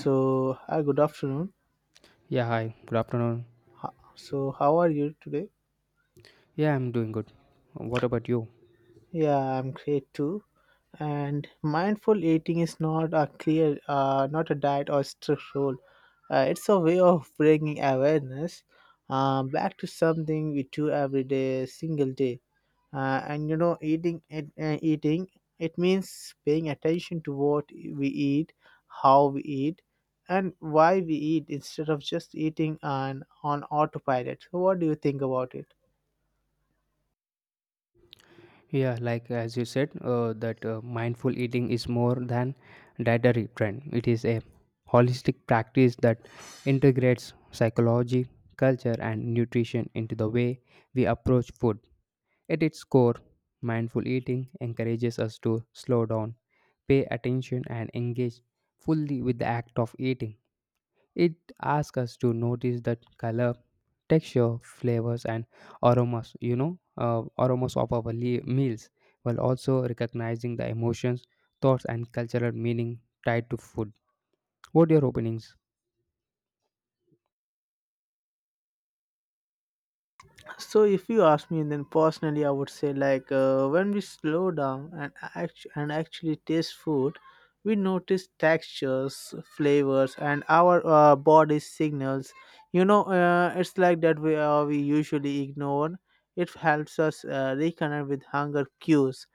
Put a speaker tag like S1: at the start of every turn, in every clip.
S1: So, hi, good afternoon.
S2: Yeah, hi. Good afternoon.
S1: So, how are you today?
S2: Yeah, I'm doing good. What about you?
S1: Yeah, I'm great too. And mindful eating is not a diet or strict rule. It's a way of bringing awareness back to something we do every day, single day. And you know, eating it means paying attention to what we eat, how we eat, and why we eat instead of just eating on autopilot. So, what do you think about it?
S2: Yeah, like as you said, that mindful eating is more than dietary trend. It is a holistic practice that integrates psychology, culture, and nutrition into the way we approach food. At its core, mindful eating encourages us to slow down, pay attention, and engage fully with the act of eating. It asks us to notice the color, texture, flavors, and aromas of our meals, while also recognizing the emotions, thoughts, and cultural meaning tied to food. What are your openings?
S1: So if you ask me then personally I would say when we slow down and act- and actually taste food, we notice textures, flavors, and our body signals it's like that we usually ignore. It helps us reconnect with hunger cues,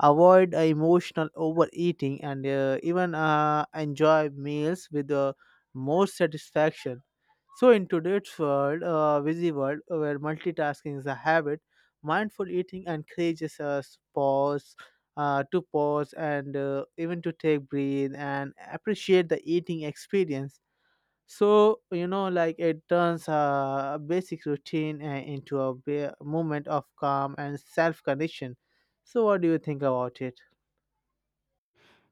S1: avoid emotional overeating, and even enjoy meals with more satisfaction. So, in today's busy world where multitasking is a habit, mindful eating encourages us to pause and even to take breathe and appreciate the eating experience. So you know, like it turns a basic routine into a moment of calm and self-connection. So, what do you think about it?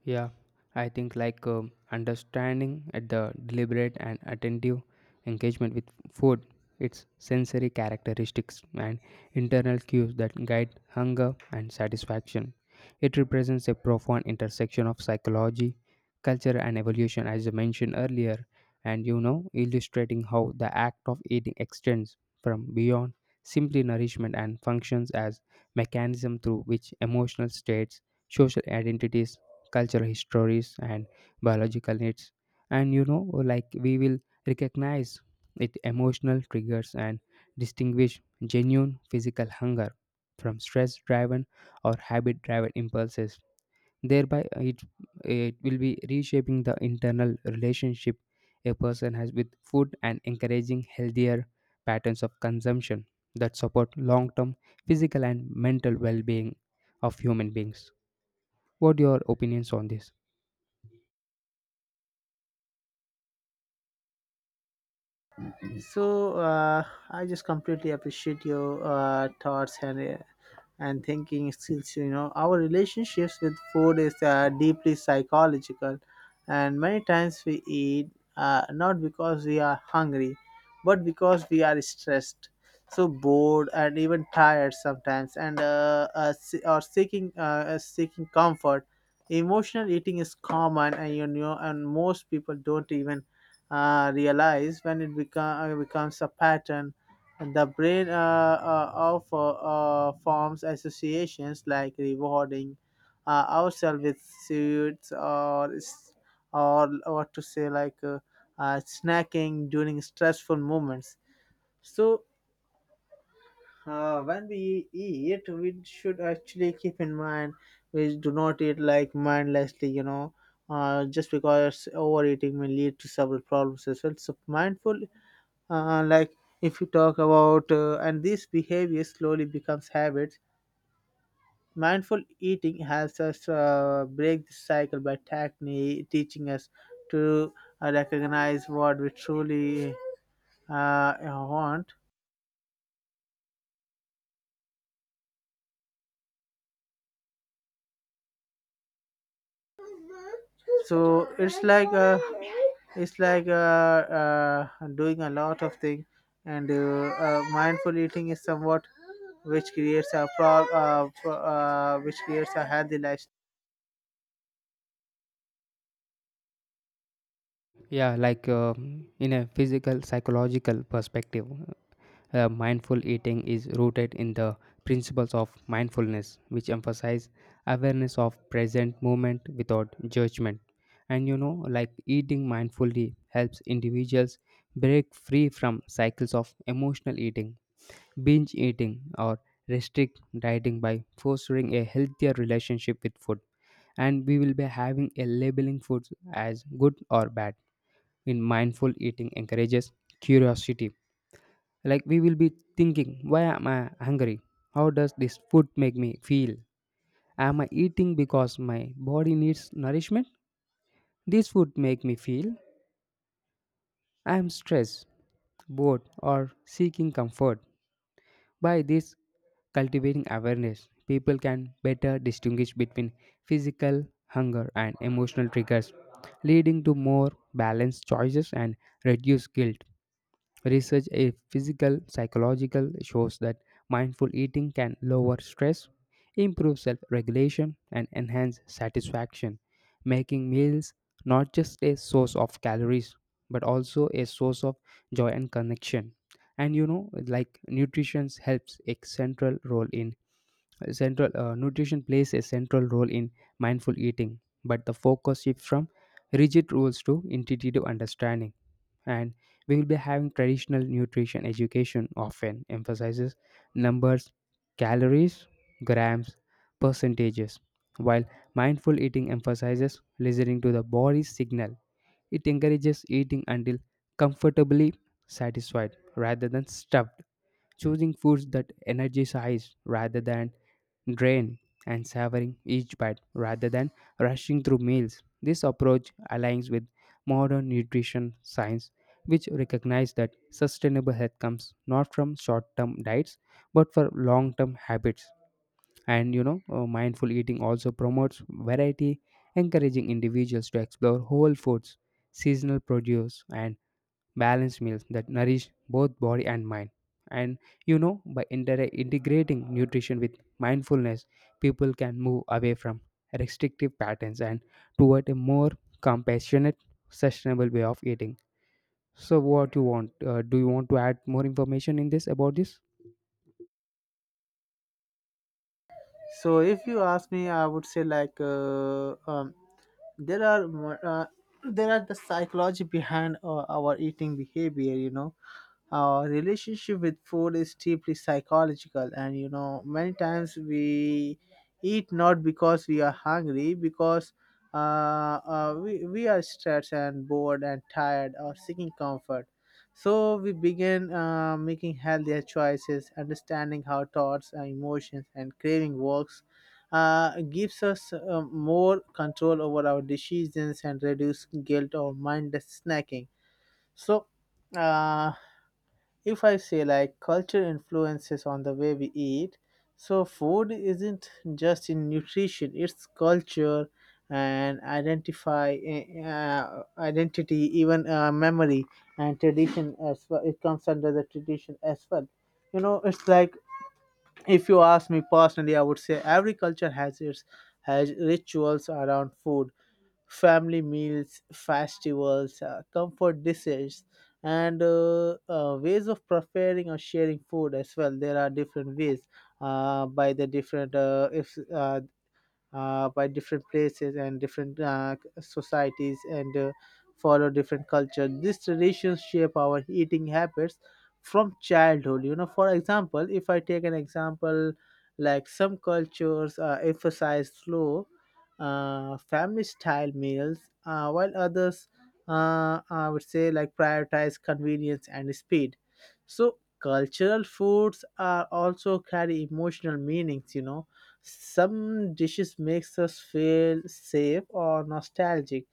S2: Yeah, I think like understanding at the deliberate and attentive engagement with food, its sensory characteristics and internal cues that guide hunger and satisfaction. It represents a profound intersection of psychology, culture, and evolution, as I mentioned earlier, and you know, illustrating how the act of eating extends from beyond simply nourishment and functions as mechanism through which emotional states, social identities, cultural histories, and biological needs, and you know, like we will recognize it emotional triggers and distinguish genuine physical hunger from stress driven or habit driven impulses, thereby it it will be reshaping the internal relationship a person has with food and encouraging healthier patterns of consumption that support long term physical and mental well being of human beings. What are your opinions on this?
S1: So, uh, I just completely appreciate your thoughts and thinking skills. You know, our relationships with food is deeply psychological, and many times we eat not because we are hungry but because we are stressed, so bored and even tired sometimes, or seeking seeking comfort. Emotional eating is common, and you know, and most people don't even realize when it becomes a pattern. The brain forms associations like rewarding ourselves with sweets or, s- or what to say, like snacking during stressful moments. So, when we eat, we should actually keep in mind we do not eat like mindlessly, you know, just because overeating may lead to several problems as well. So, mindful like if you talk about and these behaviors slowly becomes habits. Mindful eating helps us break the cycle by technique teaching us to recognize what we truly want. So it's like doing a lot of things, and mindful eating is somewhat which creates a healthy lifestyle.
S2: Yeah, like in a physical psychological perspective, mindful eating is rooted in the principles of mindfulness, which emphasize awareness of present moment without judgment. And you know, like eating mindfully helps individuals break free from cycles of emotional eating, binge eating, or restrict dieting by fostering a healthier relationship with food. And we will be having a labeling foods as good or bad in mindful eating encourages curiosity. Like we will be thinking, why am I hungry? How does this food make me feel? Am I eating because my body needs nourishment? This food make me feel I am stressed, bored, or seeking comfort. By this cultivating awareness, people can better distinguish between physical hunger and emotional triggers, leading to more balanced choices and reduced guilt. Research a physical psychological shows that mindful eating can lower stress, improve self-regulation and enhance satisfaction, making meals not just a source of calories but also a source of joy and connection. And you know like nutrition helps a central role in central, nutrition plays a central role in mindful eating, but the focus shifts from rigid rules to intuitive understanding. And we will be having traditional nutrition education often emphasizes numbers, calories, grams, percentages, while mindful eating emphasizes listening to the body's signal. It encourages eating until comfortably satisfied rather than stuffed, choosing foods that energize rather than drain, and savoring each bite rather than rushing through meals. This approach aligns with modern nutrition science, which recognize that sustainable health comes not from short-term diets but for long-term habits. And you know, mindful eating also promotes variety, encouraging individuals to explore whole foods, seasonal produce, and balanced meals that nourish both body and mind. And you know, by integrating nutrition with mindfulness, people can move away from restrictive patterns and toward a more compassionate, sustainable way of eating. So, what you want? Do you want to add more information in this about this?
S1: So if you ask me, I would say like there are more, uh, there are the psychology behind our eating behavior. You know, our relationship with food is deeply psychological, and you know many times we eat not because we are hungry, because we are stressed and bored and tired or seeking comfort. So we begin making healthier choices. Understanding how thoughts and emotions and craving works gives us more control over our decisions and reduce guilt or mindless snacking. So uh, if I say like culture influences on the way we eat, so food isn't just in nutrition; it's culture and identify identity, even memory and tradition as well. It comes under the tradition as well. You know, it's like if you ask me personally, I would say every culture has rituals around food, family meals, festivals, comfort dishes, and ways of preparing or sharing food as well. There are different ways by the different if by different places and different societies and follow different culture. These traditions shape our eating habits from childhood. You know, for example, if I take an example, like some cultures emphasize slow, family style meals, while others, I would say, like prioritize convenience and speed. So, cultural foods are also carry emotional meanings, you know, some dishes makes us feel safe or nostalgic.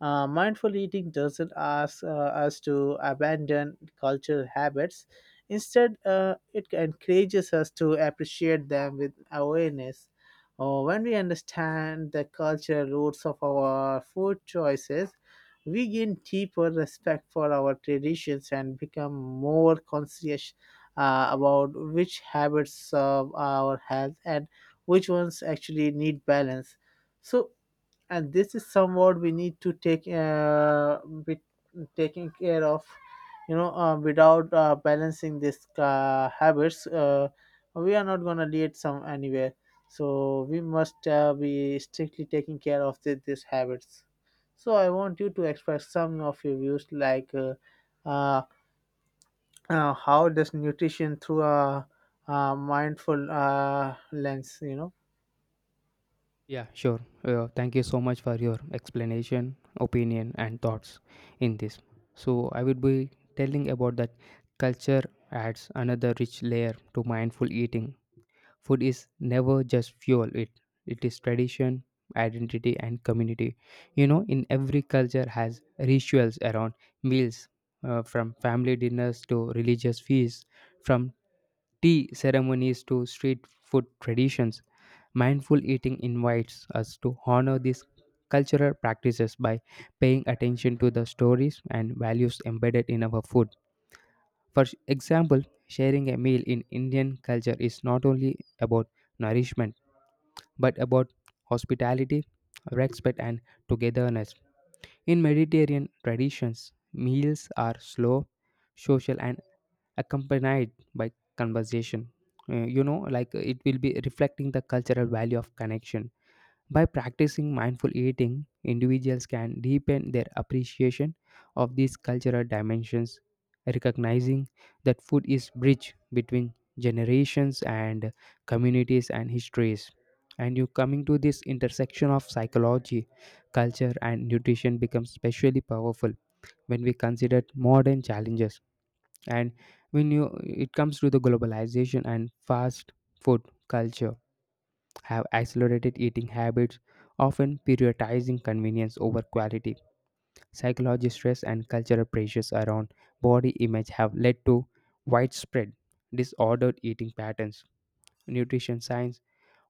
S1: Mindful eating doesn't ask us to abandon cultural habits. Instead, it encourages us to appreciate them with awareness. When we understand the cultural roots of our food choices, we gain deeper respect for our traditions and become more conscious about which habits serve our health and which ones actually need balance. So, and this is somewhat we need to take be taking care of. You know, without balancing these habits, we are not going to lead some anywhere. So we must be strictly taking care of these habits. So I want you to express some of your views, like uh, how does nutrition through a mindful lens, you know.
S2: Yeah, sure. Thank you so much for your explanation, opinion, and thoughts in this. So, I would be telling about that culture adds another rich layer to mindful eating. Food is never just fuel, it is tradition, identity and community. You know, in every culture has rituals around meals, from family dinners to religious feasts, from tea ceremonies to street food traditions. Mindful eating invites us to honor these cultural practices by paying attention to the stories and values embedded in our food. For example, sharing a meal in Indian culture is not only about nourishment but about hospitality, respect, and togetherness. In Mediterranean traditions, meals are slow, social, and accompanied by conversation. It will be reflecting the cultural value of connection. By practicing mindful eating, individuals can deepen their appreciation of these cultural dimensions, recognizing that food is bridge between generations and communities and histories. And you coming to this intersection of psychology, culture, and nutrition becomes especially powerful when we consider modern challenges. And when you it comes to the globalization and fast food culture have accelerated eating habits, often prioritizing convenience over quality. Psychological stress and cultural pressures around body image have led to widespread disordered eating patterns. Nutrition science,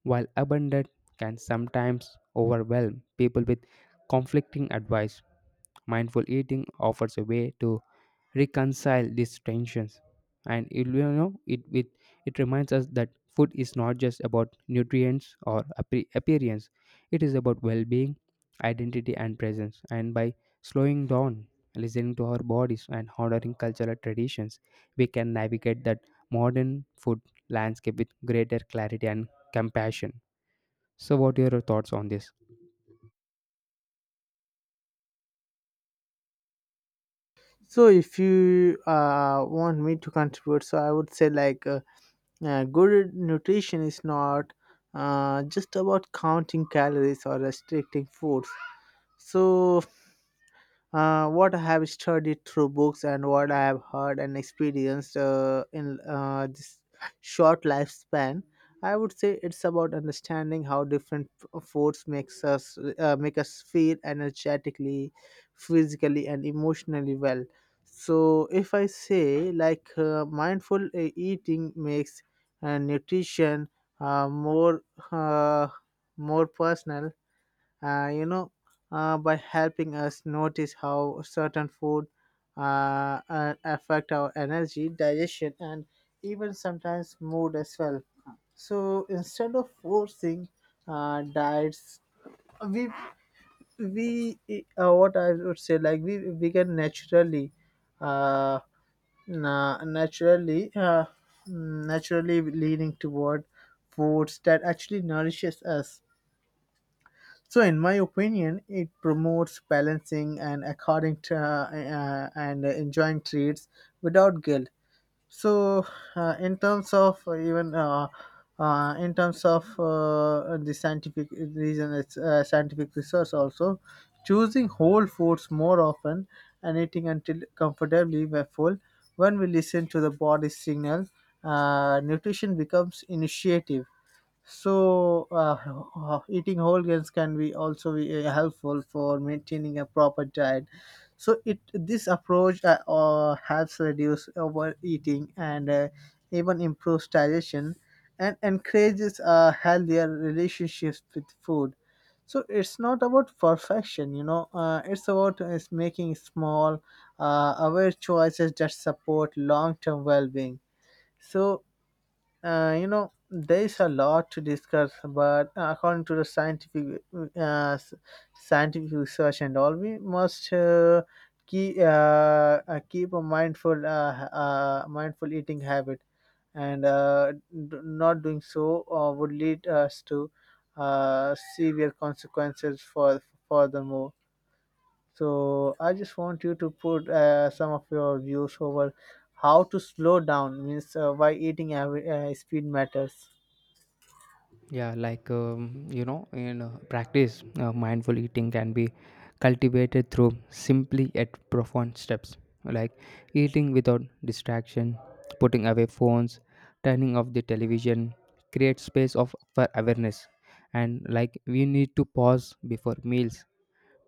S2: while abundant, can sometimes overwhelm people with conflicting advice. Mindful eating offers a way to reconcile these tensions and it, you know it, it it reminds us that food is not just about nutrients or appearance, it is about well-being, identity and presence, and by slowing down, listening to our bodies and honoring cultural traditions, we can navigate that modern food landscape with greater clarity and compassion. So what are your thoughts on this?
S1: So if you want me to contribute, so I would say like good nutrition is not just about counting calories or restricting foods. So what I have studied through books and what I have heard and experienced in this short lifespan, I would say it's about understanding how different f- foods makes us make us feel energetically, physically, and emotionally well. So if I say mindful eating makes nutrition uh, more uh, more personal, you know, by helping us notice how certain food affect our energy, digestion, and even sometimes mood as well. So instead of forcing diets, we we what I would say like we can naturally, uh, na- naturally, mm, naturally leaning toward foods that actually nourishes us. So, in my opinion, it promotes balancing and according to and enjoying treats without guilt. So, uh, in terms of even uh, in terms of the scientific reason, it's scientific research also choosing whole foods more often and eating until comfortably we're full. When we listen to the body signal, nutrition becomes initiative. So, eating whole grains can be also be helpful for maintaining a proper diet. So, it this approach helps reduce overeating and even improves digestion and encourages healthier relationships with food. So, it's not about perfection, you know. It's about is making small, aware choices that support long-term well-being. So, you know, there is a lot to discuss, but according to the scientific uh, s- scientific research and all, we must keep uh, keep a mindful mindful eating habit, and not doing so would lead us to severe consequences for furthermore. So I just want you to put some of your views over how to slow down means why eating speed matters.
S2: Yeah, like you know, in practice, mindful eating can be cultivated through simply yet profound steps like eating without distraction, putting away phones, turning off the television, create space of for awareness, and like we need to pause before meals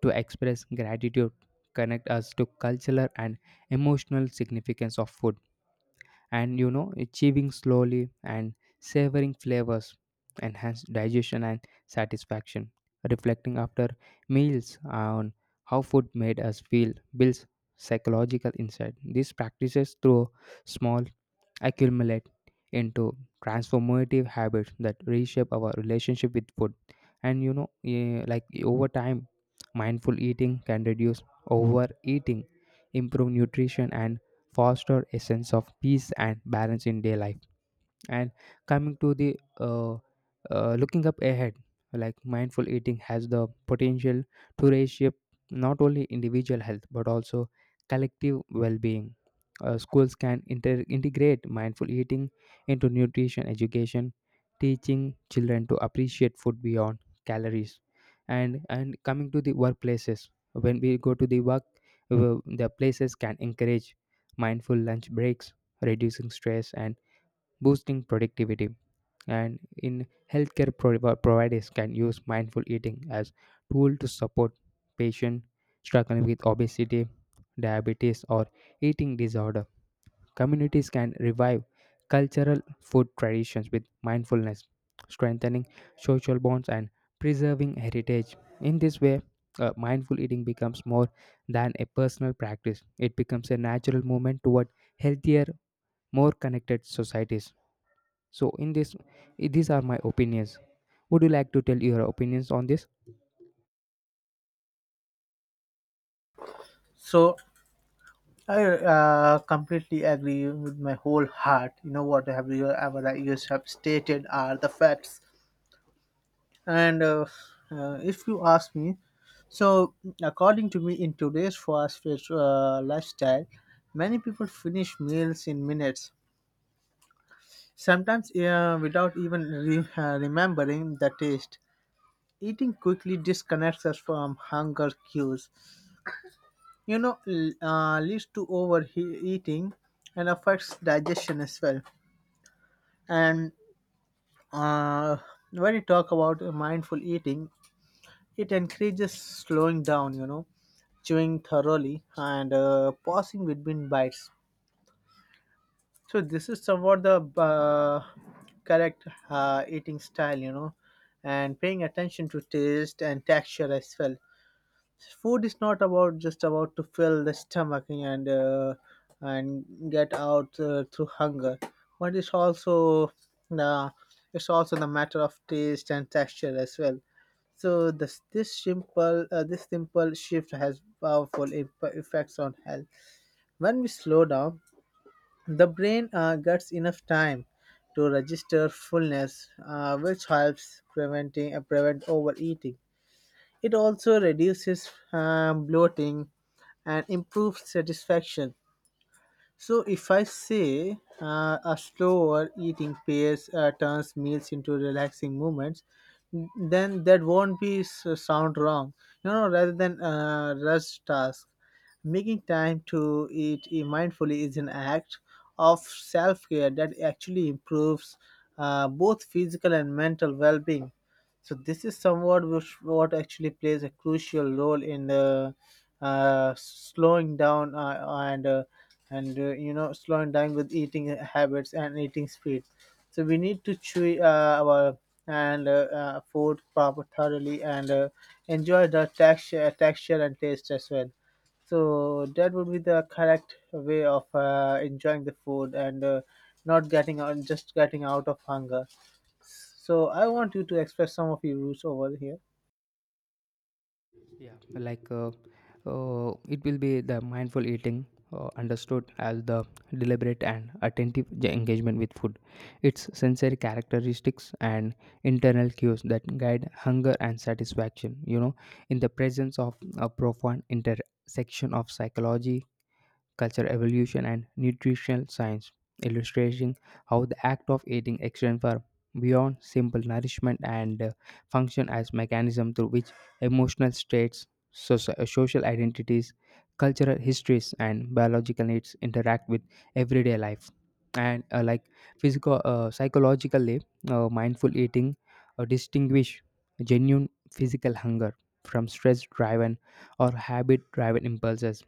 S2: to express gratitude, connect us to cultural and emotional significance of food, and you know, achieving slowly and savoring flavors enhance digestion and satisfaction, reflecting after meals on how food made us feel builds psychological insight. These practices through small accumulate into transformative habits that reshape our relationship with food. And you know like over time mindful eating can reduce overeating, improve nutrition and foster a sense of peace and balance in daily life. And coming to the looking up ahead, like mindful eating has the potential to reshape not only individual health but also collective well-being. Schools can integrate mindful eating into nutrition education, teaching children to appreciate food beyond calories. And coming to the workplaces, when we go to the work, the places can encourage mindful lunch breaks, reducing stress and boosting productivity. And in healthcare providers can use mindful eating as tool to support patients struggling with obesity, diabetes, or eating disorder. Communities can revive cultural food traditions with mindfulness, strengthening social bonds and preserving heritage. In this way, mindful eating becomes more than a personal practice. It becomes a natural movement toward healthier, more connected societies. So in this, these are my opinions. Would you like to tell your opinions on this?
S1: So I completely agree with my whole heart. You know what have you ever that you have stated are the facts. And If you ask me, so according to me, in today's fast-paced lifestyle, many people finish meals in minutes, sometimes without even remembering the taste. Eating quickly disconnects us from hunger cues, you know, leads to overeating and affects digestion as well. And uh, when you talk about mindful eating, it encourages slowing down, you know, chewing thoroughly and pausing between bites. So this is somewhat the correct eating style, you know, and paying attention to taste and texture as well. Food is not about just about to fill the stomach and and get out through hunger, but uh, it's also the matter of taste and texture as well. So this simple shift has powerful effects on health. When we slow down, the brain gets enough time to register fullness, which helps prevent overeating. It also reduces bloating and improves satisfaction. So if I say a slower eating pace turns meals into relaxing moments, then that won't be sound wrong. You know, rather than rush task, making time to eat mindfully is an act of self-care that actually improves both physical and mental well-being. So this is somewhat which what actually plays a crucial role in the slowing down and you know, slowing down with eating habits and eating speed. So we need to chew our and food proper thoroughly and enjoy the texture, texture and taste as well. So that would be the correct way of enjoying the food and not getting out, just getting out of hunger. So I want you to express some of your views over here.
S2: Yeah. Like, it will be the mindful eating, understood as the deliberate and attentive engagement with food. Its sensory characteristics and internal cues that guide hunger and satisfaction. You know, in the presence of a profound intersection of psychology, cultural evolution, and nutritional science, illustrating how the act of eating extends far beyond simple nourishment and function as mechanism through which emotional states, social identities, cultural histories, and biological needs interact with everyday life. And like physical, psychologically, mindful eating distinguish genuine physical hunger from stress-driven or habit-driven impulses,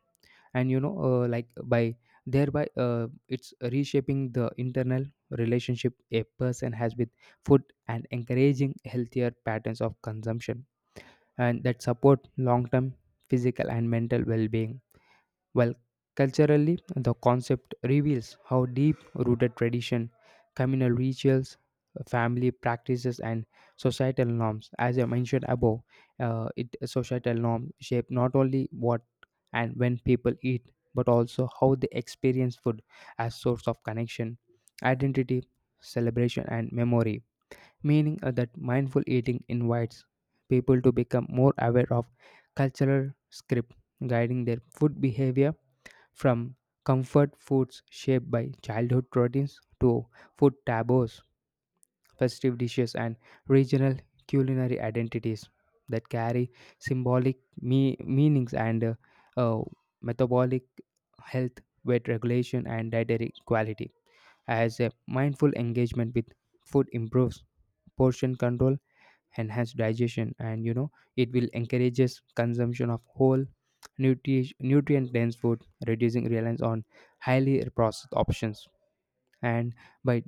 S2: and you know, like by thereby it's reshaping the internal relationship a person has with food and encouraging healthier patterns of consumption and that support long-term physical and mental well-being. Well, culturally, the concept reveals how deep rooted tradition, communal rituals, family practices, and societal norms, as I mentioned above, it societal norms shape not only what and when people eat, but also how they experience food as source of connection, identity, celebration, and memory. Meaning that mindful eating invites people to become more aware of cultural script guiding their food behavior, from comfort foods shaped by childhood routines to food taboos, festive dishes, and regional culinary identities that carry symbolic meanings and uh, metabolic health, weight regulation, and dietary quality. As a mindful engagement with food improves portion control, enhance digestion, and you know, it will encourages consumption of whole nutrient dense food, reducing reliance on highly processed options, and by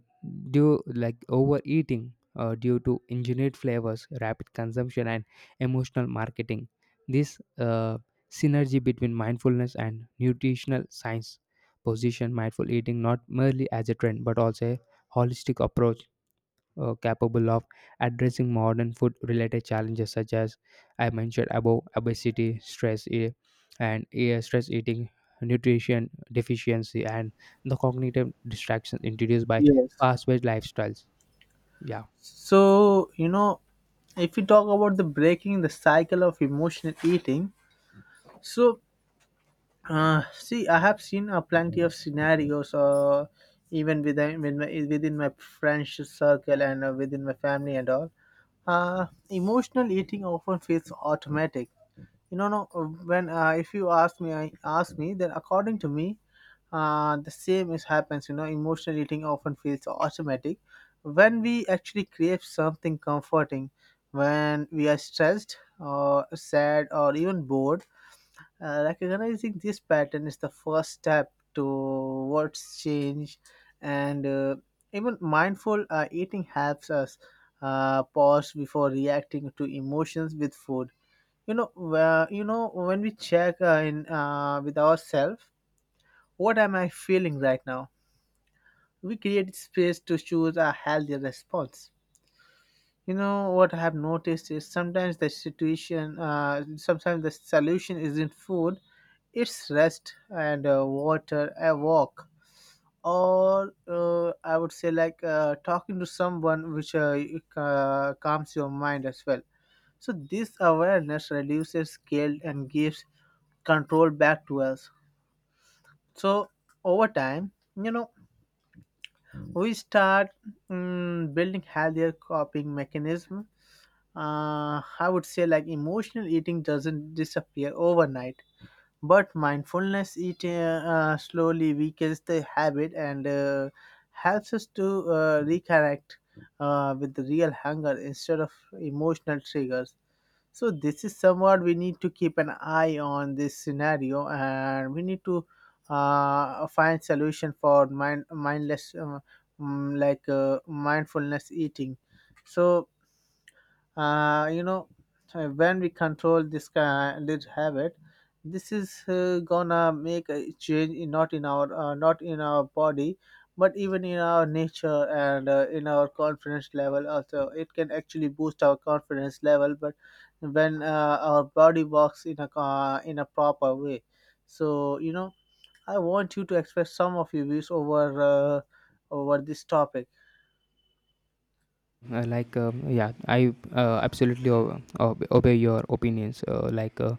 S2: due like overeating due to engineered flavors, rapid consumption and emotional marketing, this synergy between mindfulness and nutritional science position mindful eating not merely as a trend but also a holistic approach, capable of addressing modern food related challenges such as I mentioned above, obesity, stress, stress eating, nutrition deficiency, and the cognitive distractions introduced by
S1: Yes.
S2: fast paced lifestyles. Yeah.
S1: So, you know, if we talk about the breaking the cycle of emotional eating, so see, I have seen plenty of scenarios, even within my friendship circle and within my family and all. Emotional eating often feels automatic, you know no when if you ask me then according to me the same is happens. Emotional eating often feels automatic when we actually crave something comforting, when we are stressed or sad or even bored. Recognizing this pattern is the first step towards change. And Even mindful eating helps us pause before reacting to emotions with food. You know where you know When we check in with ourselves, what am I feeling right now, we create space to choose a healthier response. What I have noticed is sometimes the solution isn't food. It's rest, and water, a walk, or I would say like talking to someone, which calms your mind as well. So this awareness reduces guilt and gives control back to us. So over time, you know, we start building healthier coping mechanism. I would say like emotional eating doesn't disappear overnight, but mindfulness eating slowly weakens the habit, and helps us to reconnect with the real hunger instead of emotional triggers. So this is somewhat we need to keep an eye on this scenario, and we need to find solution for mind mindless, mm, like mindfulness eating. So uh, you know when we control this habit, this is gonna make a change in, not in our body, but even in our nature, and in our confidence level also. It can actually boost our confidence level, but when our body works in a proper way. So I want you to express some of your views over over this topic.
S2: Like yeah I absolutely obey your opinions,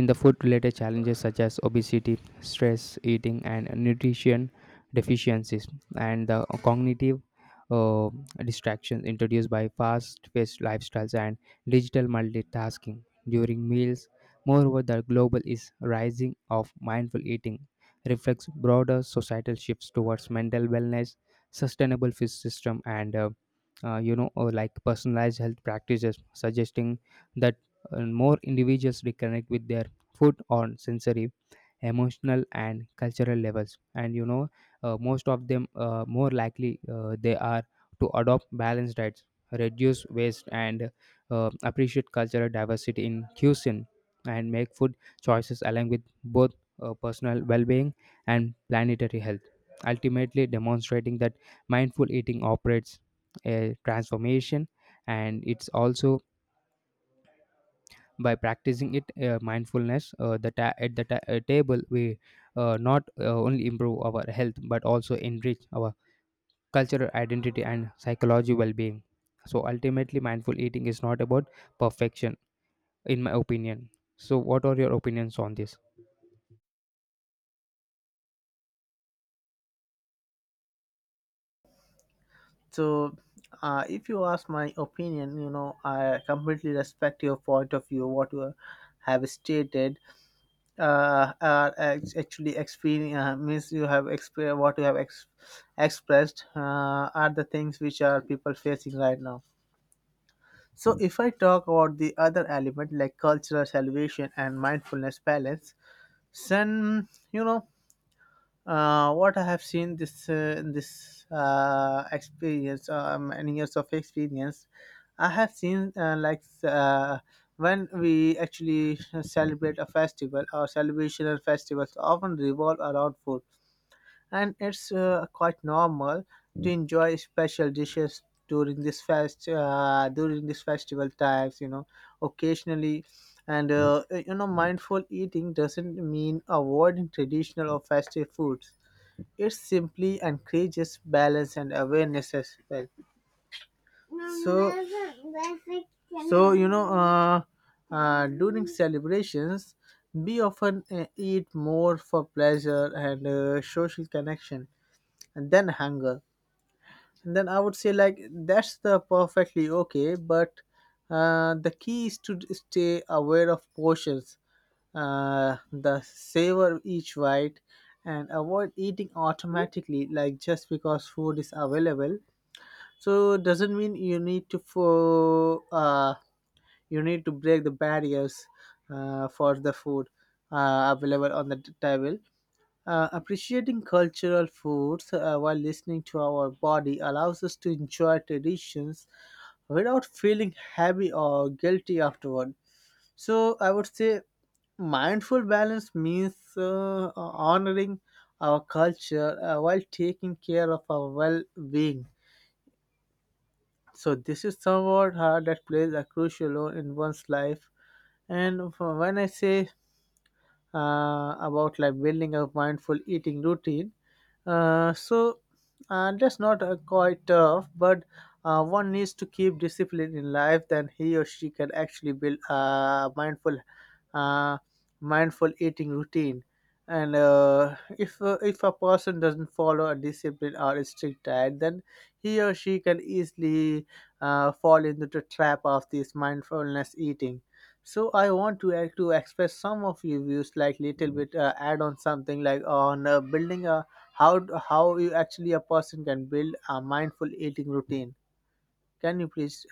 S2: in the food related challenges such as obesity, stress eating and nutrition deficiencies, and the cognitive uh, distractions introduced by fast paced lifestyles and digital multitasking during meals. Moreover, the global is rising of mindful eating reflects broader societal shifts towards mental wellness, sustainable food system, and you know, or like, personalized health practices suggesting that more individuals reconnect with their food on sensory, emotional and cultural levels, and you know, most of them, more likely they are to adopt balanced diets, reduce waste, and appreciate cultural diversity in cuisine, and make food choices aligned with both personal well-being and planetary health, ultimately demonstrating that mindful eating operates a transformation, and it's also by practicing it mindfulness at the table we not only improve our health but also enrich our cultural identity and psychology well-being. So ultimately mindful eating is not about perfection in my opinion. So what are your opinions on this?
S1: So, if you ask my opinion, I completely respect your point of view, what you have stated. Actually, experience means you have experienced what you have expressed are the things which are people facing right now. So, if I talk about the other element like cultural salvation and mindfulness balance, then you know what I have seen, this this experience, many years of experience, I have seen when we actually celebrate a festival, our celebration and festivals often revolve around food, and it's quite normal to enjoy special dishes during this fest during this festival times. You know, occasionally. Mindful eating doesn't mean avoiding traditional or festive foods. It simply encourages balance and awareness as well. So, so you know, uh, During celebrations, we often eat more for pleasure and social connection, and then hunger, then I would say like that's the perfectly okay. But the key is to stay aware of portions, the savor each bite, and avoid eating automatically like just because food is available. So doesn't mean you need to for you need to break the barriers for the food available on the table. Appreciating cultural foods while listening to our body allows us to enjoy traditions without feeling heavy or guilty afterward. So, I would say mindful balance means honoring our culture while taking care of our well being. So, this is somewhat that plays a crucial role in one's life. And when I say about like building a mindful eating routine. Uh, so that's not quite tough, but one needs to keep discipline in life. Then he or she can actually build a uh, mindful eating routine. And If if a person doesn't follow a discipline or a strict diet, then he or she can easily fall into the trap of this mindfulness eating. So I want to express some of your views, like little bit add on something like on building a, how you actually a person can build a mindful eating routine. Can you please?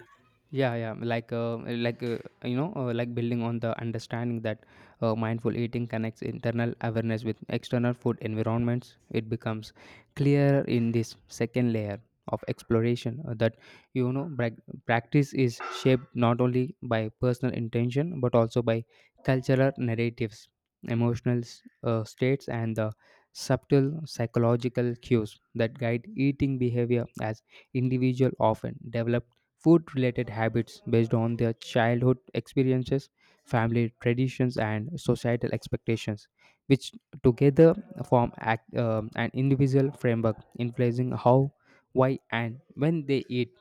S2: Yeah, like you know, like building on the understanding that mindful eating connects internal awareness with external food environments, it becomes clear in this second layer of exploration that you know practice is shaped not only by personal intention but also by cultural narratives, emotional states, and the subtle psychological cues that guide eating behavior as individual often develop food related habits based on their childhood experiences, family traditions, and societal expectations, which together form act, an individual framework influencing how, why, and when they eat.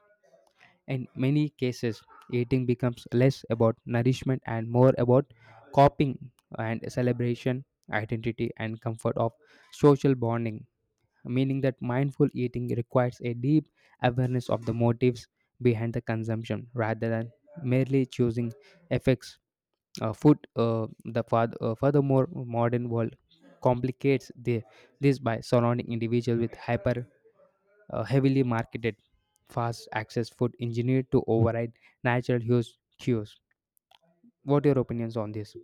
S2: In many cases, eating becomes less about nourishment and more about coping and celebration, identity, and comfort of social bonding, meaning that mindful eating requires a deep awareness of the motives behind the consumption rather than merely choosing effects food. Furthermore, modern world complicates the, this by surrounding individuals with hyper heavily marketed fast access food engineered to override natural hues cues. What are your opinions on this?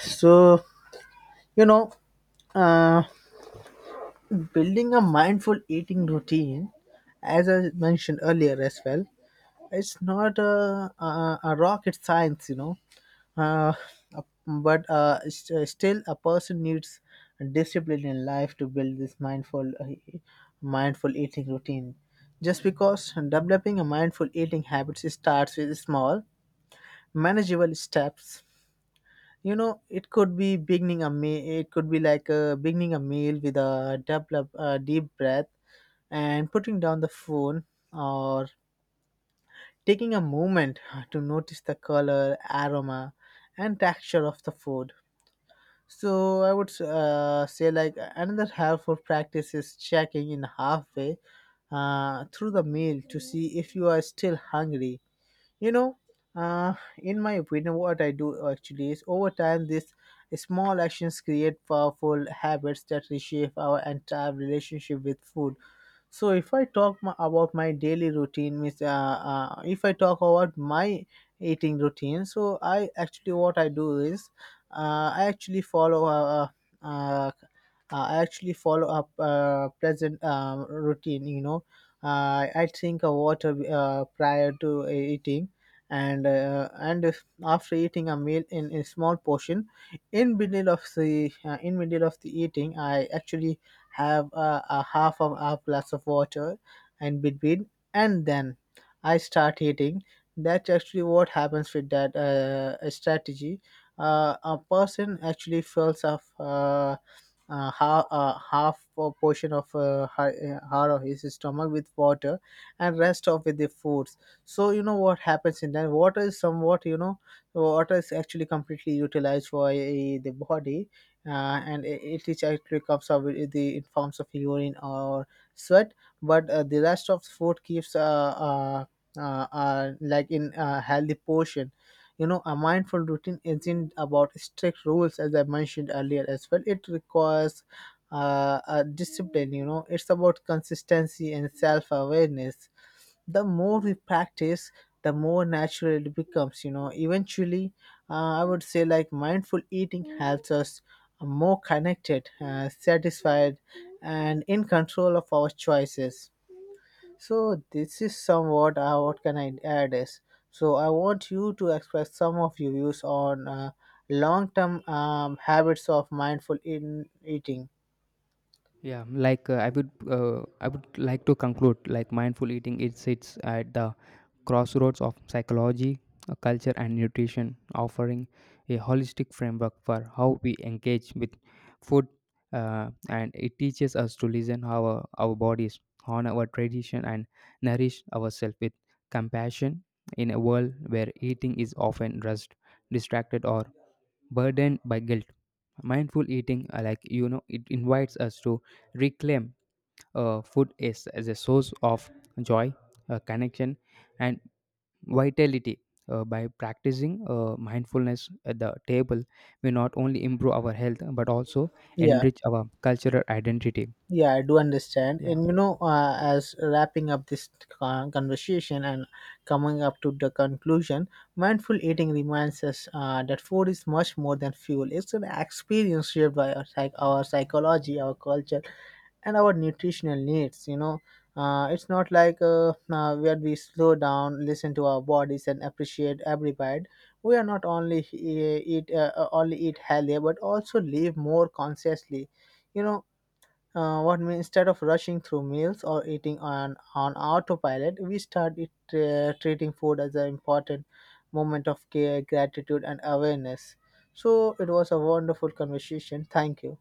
S1: So you know, uh, building a mindful eating routine, as I mentioned earlier as well, it's not a rocket science. Uh, Still a person needs discipline in life to build this mindful eating routine, just because developing a mindful eating habits starts with small, manageable steps. It could be beginning a meal. It could be like beginning a meal with a develop a deep breath and putting down the phone, or taking a moment to notice the color, aroma, and texture of the food. So I would say like another helpful practice is checking in halfway through the meal to see if you are still hungry. You know, in my opinion, what I do actually is over time these small actions create powerful habits that reshape our entire relationship with food. So if I talk about my daily routine, means if I talk about my eating routine, so I actually what I do is I actually follow uh, uh, I actually follow up present routine. You know, I drink a water prior to eating, and if- after eating a meal in a small portion, in middle of the in middle of the eating, I actually have a half of a glass of water and between, and then I start eating. That's actually what happens. With that strategy, a person actually feels of half a portion of her or his stomach with water and rest of with the foods. What happens in that water is somewhat, water is actually completely utilized for the body, uh, and it is actually comes out with the in forms of urine or sweat. But the rest of food keeps uh, like in healthy portion. A mindful routine isn't about strict rules. As I mentioned earlier as well, it requires a discipline. It's about consistency and self-awareness. The more we practice, the more natural it becomes. Eventually, I would say like mindful eating helps us more connected, satisfied, and in control of our choices. So this is somewhat what can I add is, so I want you to express some of your views on long-term habits of mindful in eating.
S2: Yeah, like I would like to conclude like mindful eating. It sits at the crossroads of psychology, culture, and nutrition, offering a holistic framework for how we engage with food, and it teaches us to listen our bodies, honor our tradition, and nourish ourselves with compassion. In a world where eating is often rushed, distracted, or burdened by guilt, mindful eating it invites us to reclaim food as a source of joy, connection and vitality, by practicing mindfulness at the table we not only improve our health but also
S1: Yeah,
S2: enrich our cultural identity.
S1: yeah, I do understand. And you
S2: Yeah.
S1: know, as wrapping up this conversation and coming up to the conclusion, mindful eating reminds us that food is much more than fuel. It's an experience shaped by our, our psychology, our culture, and our nutritional needs. It's not like where we slow down, listen to our bodies, and appreciate every bite. We are not only e- eat only eat healthier, but also live more consciously. you know what means, instead of rushing through meals or eating on autopilot, we start it, treating food as an important moment of care, gratitude, and awareness. So it was a wonderful conversation. Thank you.